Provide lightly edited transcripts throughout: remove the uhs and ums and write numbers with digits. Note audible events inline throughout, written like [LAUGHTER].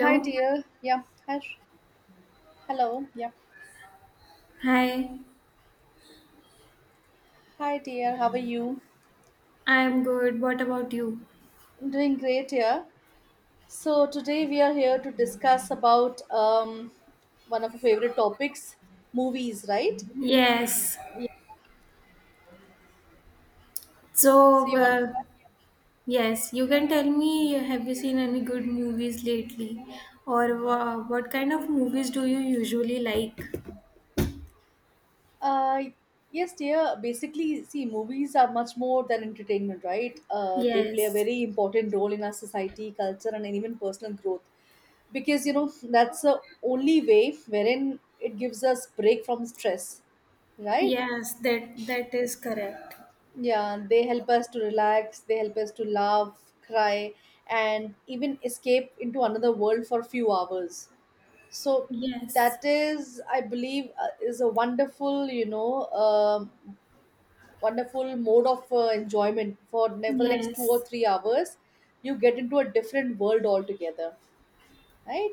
Hi, dear. Yeah. Hi. Hello. Yeah. Hi. Hi, dear. How are you? I'm good. What about you? I'm doing great here. So today we are here to discuss about one of our favorite topics, movies, right? Yes. Yeah. So So, you want to uh, start? yes, you can tell me, have you seen any good movies lately? Or what kind of movies do you usually like? Uh, yes, dear. Basically, see, movies are much more than entertainment, right? They play a Yes. very important role in our society, culture, and even personal growth. Because you know that's the only way wherein it gives us break from stress, right? Yes, that is correct. Yeah, they help us to relax, they help us to laugh, cry, and even escape into another world for a few hours. So Yes. that is, I believe, is a wonderful mode of enjoyment for the next two or Yes. three hours. You get into a different world altogether, right?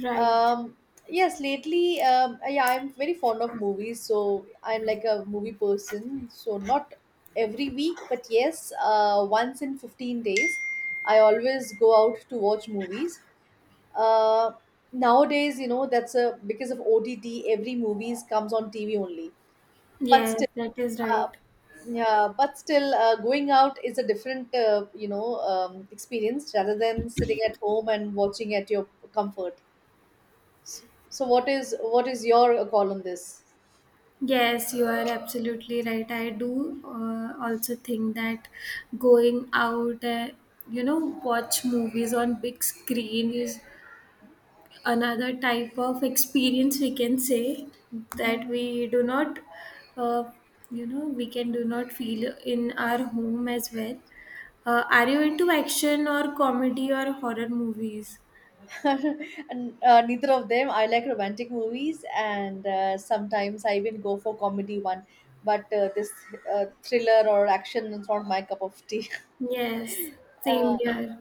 Right. Um, yes, lately, yeah, I'm very fond of movies, so I'm like a movie person. So not every week, but yes, once in 15 days, I always go out to watch movies. Uh, nowadays, you know, that's a because of OTT, every movies comes on TV only. But still, Yes, that is uh, right. yeah, but still, going out is a different, experience rather than sitting at home and watching at your comfort. So what is your call on this? Yes, you are absolutely right. I do also think that going out, watch movies on big screen is another type of experience, we can say, that Mhm. we do not, uh, we can do not feel in our home as well. Are you into action or comedy or horror movies? [LAUGHS] And neither of them. I like romantic movies, and sometimes I even go for comedy one. But this thriller or action is not my cup of tea. Yes, [LAUGHS] same Uh, here.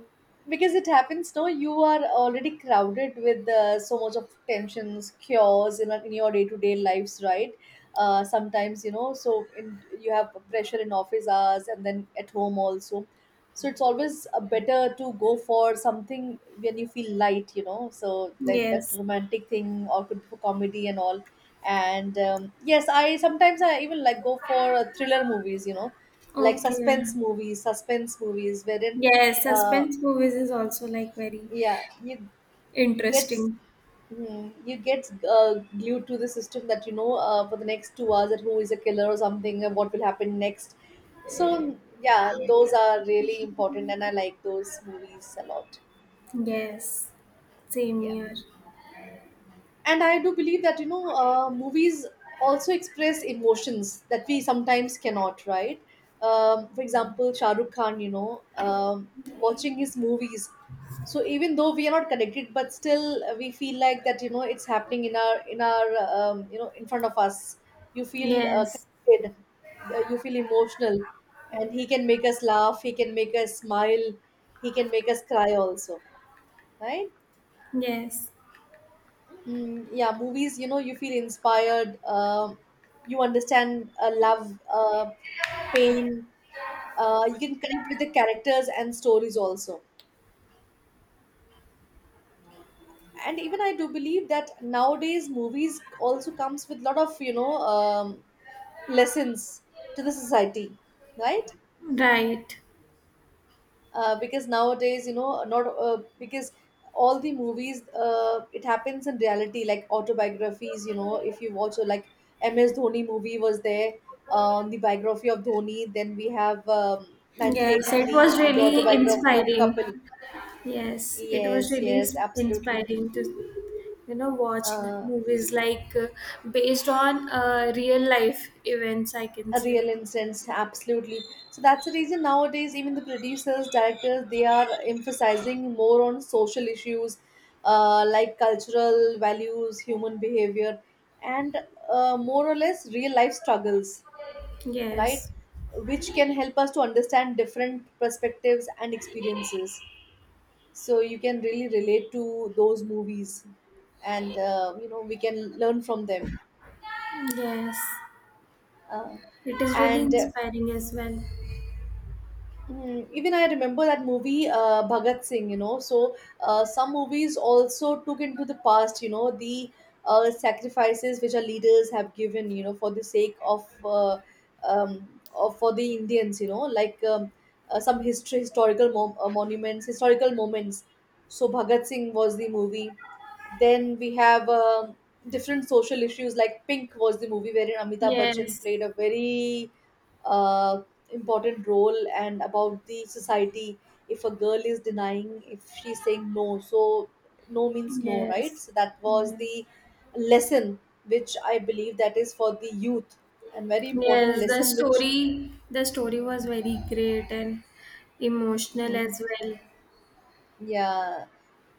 because it happens, no, you are already crowded with so much of tensions cures in your day-to-day lives, right? Sometimes so you have pressure in office hours and then at home also. So it's always better to go for something when you feel light, so that Yes. romantic thing or could be for comedy and all. And yes, I sometimes I even like go for thriller movies. Like Okay. suspense movies wherein Yes, uh, suspense movies is also like very yeah, you get interesting. You get glued to the system that for the next 2 hours, that who is a killer or something and what will happen next. So yeah, those are really important, and I like those movies a lot. Yes, same Yeah, here. and I do believe that movies also express emotions that we sometimes cannot, right? For example, Shah Rukh Khan, watching his movies. So even though we are not connected, but still we feel like that it's happening in our in front of us. You feel Yes, connected. You feel emotional, and he can make us laugh, he can make us smile, he can make us cry also, right? yes, Mm, yeah, movies, you feel inspired. You understand love, pain. You can connect with the characters and stories also. And even I do believe that nowadays movies also comes with lot of, lessons to the society, right? right. Because nowadays not because all the movies it happens in reality like autobiographies, if you watch like MS Dhoni movie was there, on the biography of Dhoni. Then we have Yes, it 1983 was on the really autobiography of inspiring. Kapil. Yes, it was Yes, really yes, absolutely, inspiring to, you know, watch uh, movies like based on real life events, I can a say. real instance, absolutely. So that's the reason nowadays even the producers directors they are emphasizing more on social issues, like cultural values, human behavior, and more or less real life struggles, right? Yes, Which can help us to understand different perspectives and experiences. So you can really relate to those movies, and we can learn from them. yes, uh, it is really and uh, inspiring as well. Hmm. even I remember that movie, Bhagat Singh, So, some movies also took into the past, the sacrifices which our leaders have given, for the sake of for the Indians, like some history, historical monuments, historical moments. So, Bhagat Singh was the movie. Then we have different social issues, like Pink was the movie wherein Amitabh Bachchan Yes, played a very uh, important role and about the society. If a girl is denying, if she's saying no, so no means no, right? yes, So that was yes. the lesson which I believe that is for the youth, and very important Yes, the lesson which. story the story was very great and emotional Mhm. as well. Yeah,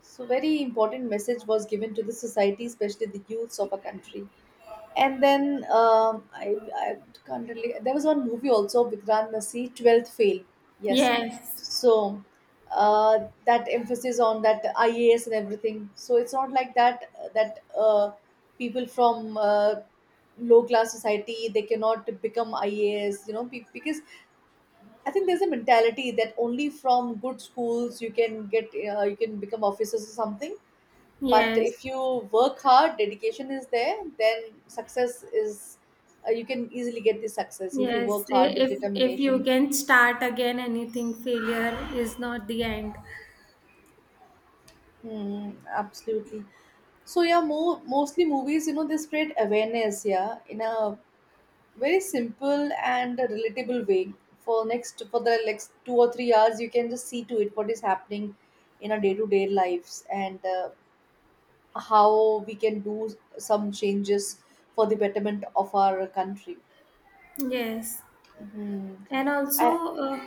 so very important message was given to the society, especially the youths of a country. And then I can't really. There was one movie also, Vikrant Nasi, 12th Fail. Yes. Yes. So that emphasis on that IAS and everything. So it's not like that people from low class society, they cannot become IAS, you know, because I think there's a mentality that only from good schools you can get, you can become officers or something. But Yes. if you work hard, dedication is there, then success is you can easily get the success if you Yes. work hard with if you determination. can start again, anything, failure is not the end. Hmm, absolutely. So yeah, mostly movies, they spread awareness, yeah, in a very simple and a relatable way. For the next 2 or 3 hours, you can just see to it what is happening in our day-to-day lives, and how we can do some changes for the betterment of our country. Yes. Hmm. And Uh, also uh,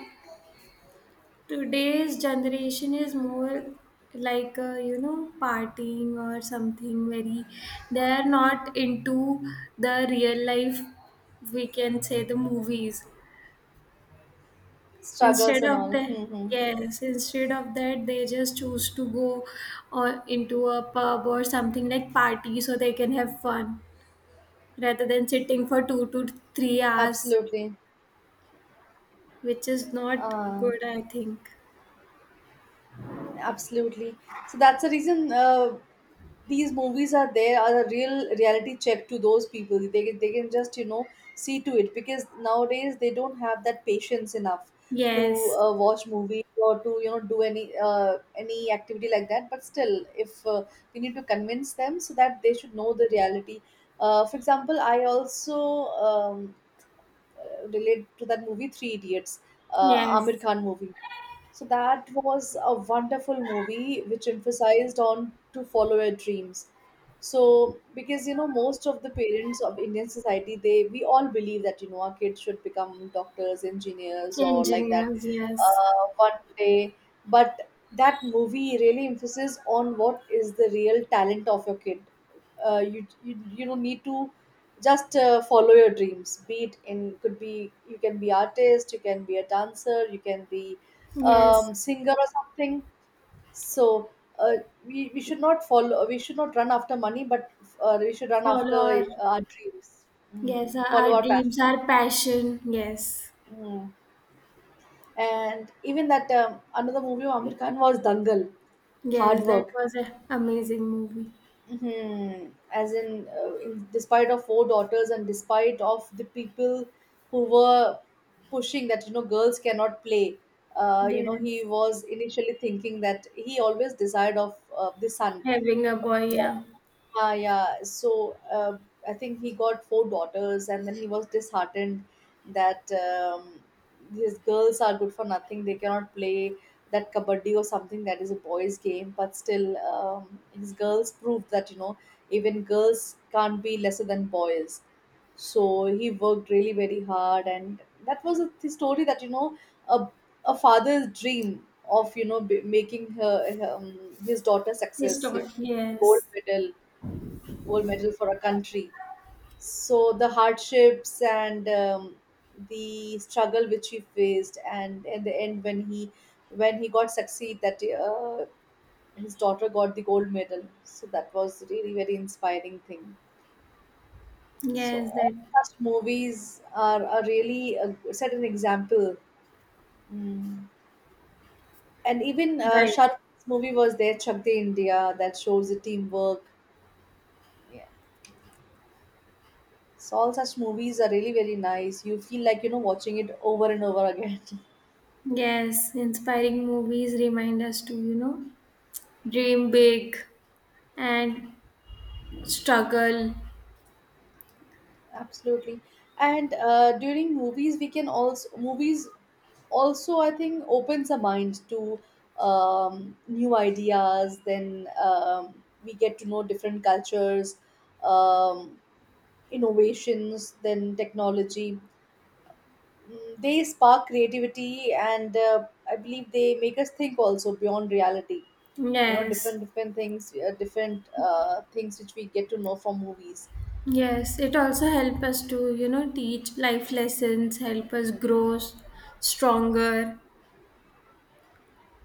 today's generation is more like you know, partying or something. Very, they are not into the real life, we can say, the movies. struggles Instead and of all. that, Mm-hmm. yes, instead of that, they just choose to go or into a pub or something like party so they can have fun rather than sitting for 2 to 3 hours, Absolutely. which is not Uh, good, I think. absolutely. So that's the reason these movies are there are a real reality check to those people. They can just, see to it because nowadays they don't have that patience enough to Yes. Watch movies or to, do any activity like that. But still, if we need to convince them so that they should know the reality. For example, I also um. Relate to that movie, Three Idiots, Amir Yes, Khan movie. So that was a wonderful movie which emphasized on to follow your dreams. So because most of the parents of Indian society, they we all believe that our kids should become doctors, engineers, or like that engineers, yes. One day. But that movie really emphasis on what is the real talent of your kid. You you you know need to just follow your dreams. Be it in could be you can be artist, you can be a dancer, you can be Yes, singer or something. So uh, we should not follow. We should not run after money, but we should run follow after our, our dreams. Mm. yes, our, Follow our our dreams, passion. our passion. Yes. Mm. And even that another movie of Amir Khan was Dangal, Hard Yes, that Work. was an amazing movie. hmm As in despite of four daughters and despite of the people who were pushing that girls cannot play. He Yes, was initially thinking that he always desired of the son. having a boy, yeah. Ah, yeah. So I think he got four daughters, and then he was disheartened that his girls are good for nothing. They cannot play that kabaddi or something that is a boys' game. But still, his girls proved that even girls can't be lesser than boys. So he worked really very hard, and that was a story that a a father's dream of making her his daughter He's success. Taught, gold yes. medal gold medal for a country. So the hardships and the struggle which he faced, and in the end, when he got succeed, that his daughter got the gold medal. So that was really very inspiring thing. So Yes, all that such movies are really set an example. Mm. And even right. Shahrukh Khan's movie was there, Chak De India, that shows the teamwork. So all such movies are really very nice. You feel like watching it over and over again. Yes, inspiring movies remind us to, you know, dream big and struggle. [LAUGHS] Absolutely. And during movies, we can also movies also, I think, opens our mind to new ideas. Then we get to know different cultures, um, innovations, then technology. Mm, they spark creativity, and I believe they make us think also beyond reality. you know different Yes. different things, different things which we get to know from movies. Yes, it also help us to, you know, teach life lessons, help us grow stronger.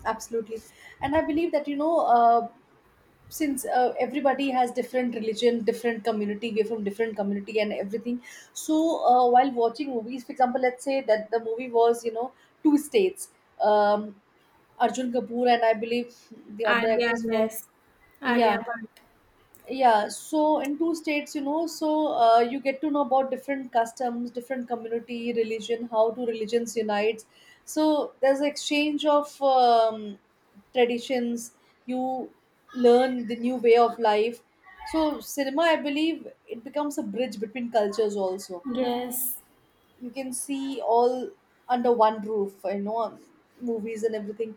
Absolutely. And I believe that since everybody has different religion, different community, we're from different community and everything. So while watching movies, for example, let's say that the movie was, you know, Two States, um, Arjun Kapoor, and I believe the other Alia, actress was... yes. Alia Yeah, Bhatt. yeah. So in Two States, you know, so you get to know about different customs, different community, religion, how two religions unite. So there's exchange of traditions, you learn the new way of life. So cinema, I believe, it becomes a bridge between cultures also. Yes. You can see all under one roof, you know, movies and everything.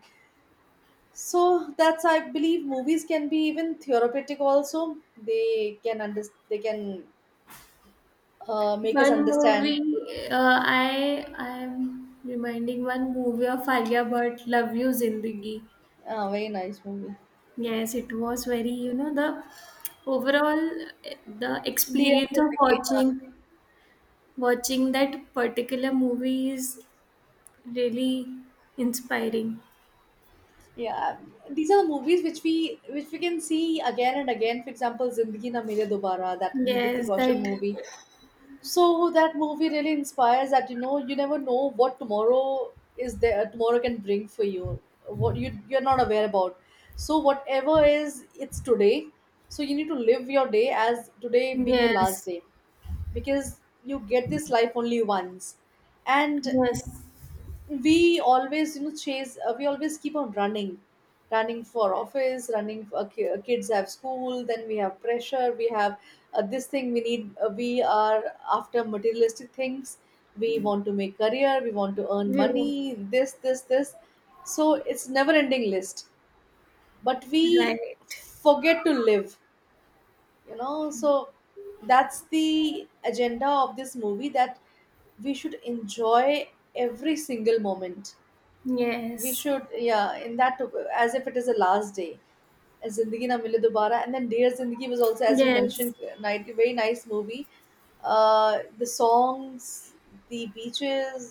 So that's, I believe, movies can be even therapeutic also. They can under they can make us One understand. movie, I am reminding one movie of Alia Bhatt, Love You Zindagi. Very nice movie. Yes, it was very, you know, the overall, the Dear experience of Zindagi. watching that particular movie is really inspiring. Yeah, these are the movies which we can see again and again. For example, Zindagi Na Mile dobara, that Yes, Hrithik Roshan that movie. So that movie really inspires that, you know, you never know what tomorrow is there tomorrow can bring for you, what you're not aware about. So whatever is, it's today. So you need to live your day as today being your yes, last day, because you get this life only once. And yes, we always, you know, chase, we always keep on running, running for office, running for kids have school, then we have pressure, we have this thing we need, we are after materialistic things, we want to make career, we want to earn we were money, this, this, this. So it's never ending list, but we right. forget to live, you know. So that's the agenda of this movie, that we should enjoy every single moment. We Yes, should, yeah, in that, as if it is the last day. Zindagi Na mile dobara, and then Dear Zindagi was also, as you yes. mentioned, night, very nice movie. The songs, the beaches,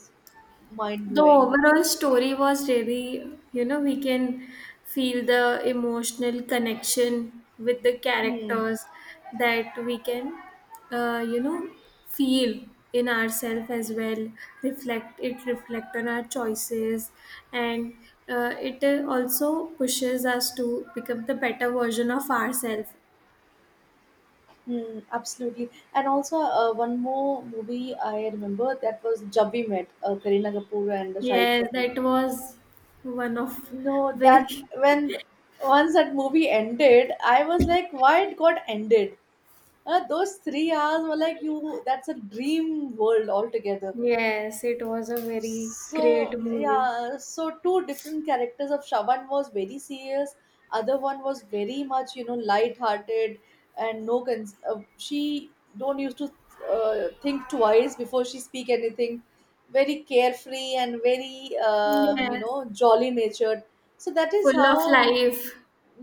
mind The blowing. overall story was really, you know, we can feel the emotional connection with the Hmm. characters, that we can, uh, you know, feel in ourselves as well. Reflect it, reflect on our choices, and it also pushes us to become the better version of ourselves. Hmm, absolutely. And also, one more movie I remember, that was Jab We Met, Kareena Kapoor and Shahid Yes, Kapoor. that was one of No. very. [LAUGHS] That, when once that movie ended, I was like, why it got ended? Those 3 hours were like, you, that's a dream world altogether. Yes, it was a very So great movie. yeah, so two different characters of Shaban was very serious, other one was very much, you know, light-hearted, and she don't used to think twice before she speak anything. Very carefree and very, you Yes, know, jolly natured. So that is full of how, life.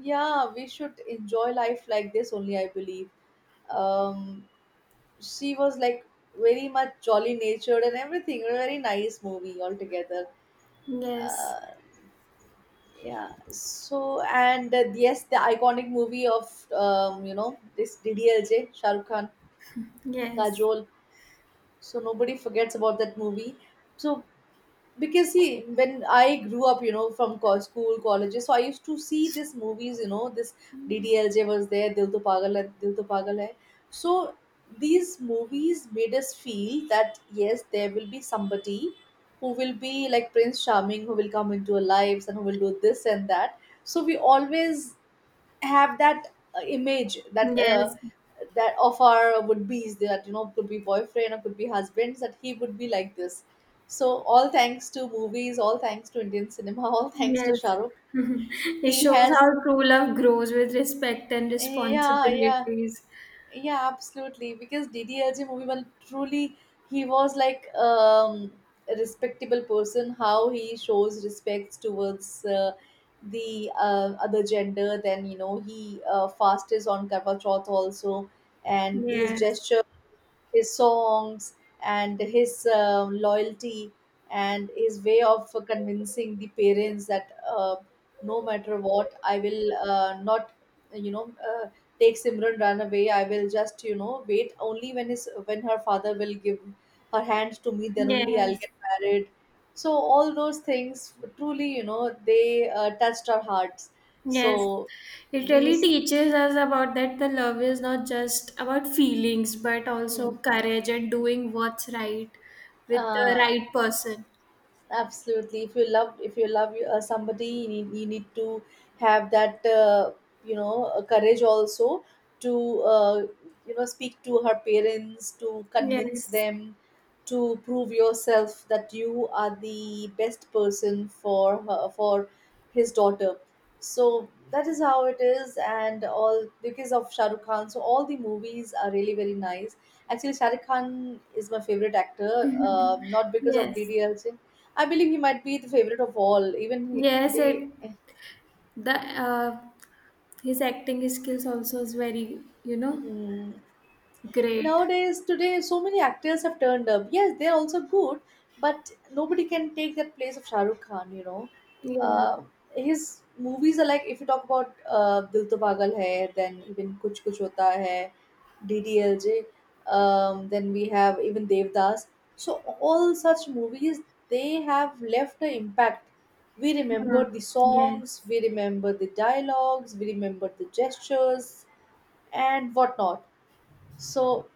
yeah, we should enjoy life like this only, I believe. um she was like very much jolly natured and everything, a very nice movie altogether. Yes, uh, yeah, so, and yes, the iconic movie of, you know, this DDLJ, Shahrukh Khan, yes, Kajol. So nobody forgets about that movie. So, because see, when I grew up, you know, from school, colleges, so I used to see these movies, you know, this DDLJ was there, Dil To Pagal Hai, Dil To Pagal Hai. So these movies made us feel that yes, there will be somebody who will be like prince charming, who will come into our lives and who will do this and that. So we always have that image yes, that of our would be that, you know, could be boyfriend or could be husbands, that he would be like this. So all thanks to movies, all thanks to Indian cinema, [LAUGHS] all thanks to yes. Shahrukh. [LAUGHS] It He shows has, how true love grows with respect and yeah, yeah. responsibilities. Yeah, absolutely. Because DDLJ movie, well, truly, he was like a respectable person. How he shows respects towards the other gender. Then, you know, he fast is on Karwa Chauth also, and his Yes, gesture, his songs, and his loyalty, and his way of convincing the parents that, no matter what, I will not, you know, uh, take Simran run away, I will just, you know, wait, only when his, when her father will give her hand to me, then only I'll yes, get married. So all those things, truly, you know, they touched our hearts. So yes. It really these, teaches us about that the love is not just about feelings, but hmm, also courage and doing what's right with the uh, right person. absolutely. If you love, if you love somebody, you need to have that you know, courage also, to you know, speak to her parents, to convince Yes, them, to prove yourself that you are the best person for her, for his daughter. So that is how it is, and all because of Shah Rukh Khan. So all the movies are really very nice. Actually, Shah Rukh Khan is my favorite actor, not because of yes, DDL. I believe he might be the favorite of all, even he, yes. today. It the His acting skills also is very, you know, Mhm. great. Nowadays, today, so many actors have turned up. Yes, they're also good, but nobody can take that place of Shah Rukh Khan, you know. Yeah. Uh, his movies are like, if you talk about Dil To Pagal Hai, then even Kuch Kuch Hota Hai, DDLJ, then we have even Devdas. So, all such movies, they have left an impact. We Hmm. remember the Yes. songs, we remember the dialogues, we remember the gestures, and whatnot. So,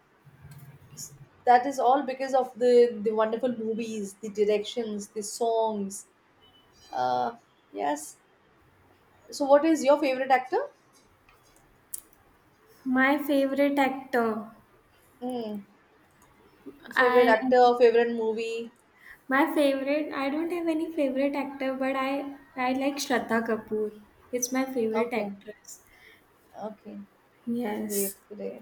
that is all because of the wonderful movies, the directions, the songs, uh yes. So what is your favorite actor? My favorite actor. Mm. Favorite I actor, favorite movie. My favorite. I don't have any favorite actor, but I like Shraddha Kapoor. It's my favorite Okay, actress. okay. Great, Yes. great.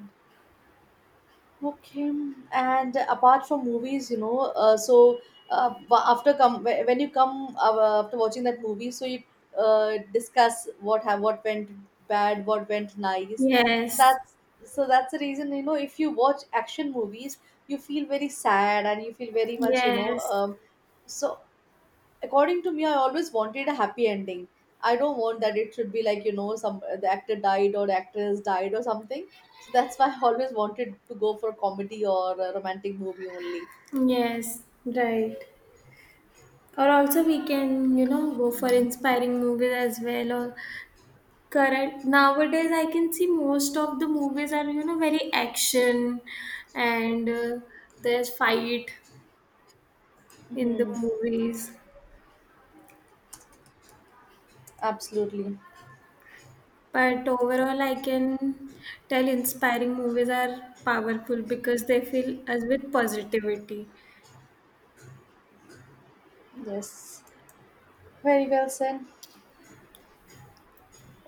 Okay, and apart from movies, you know, so when you come after watching that movie, so you discuss what have, what went bad, what went nice. So Yes. that's, so that's the reason, you know, if you watch action movies, you feel very sad and you feel very much, you know. Yes. Um, So according to me, I always wanted a happy ending. I don't want that it should be like, you know, some, the actor died or the actress died or something. So that's why I [LAUGHS] always wanted to go for comedy or a romantic movie only. Yes. Right. Or also we can, you know, go for inspiring movies as well, or correct. Nowadays, I can see most of the movies are, you know, very action, and there's fight in the Hmm, movies. absolutely. But overall, I can tell inspiring movies are powerful because they fill us with positivity. Yes, very well said.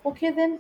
Okay, then.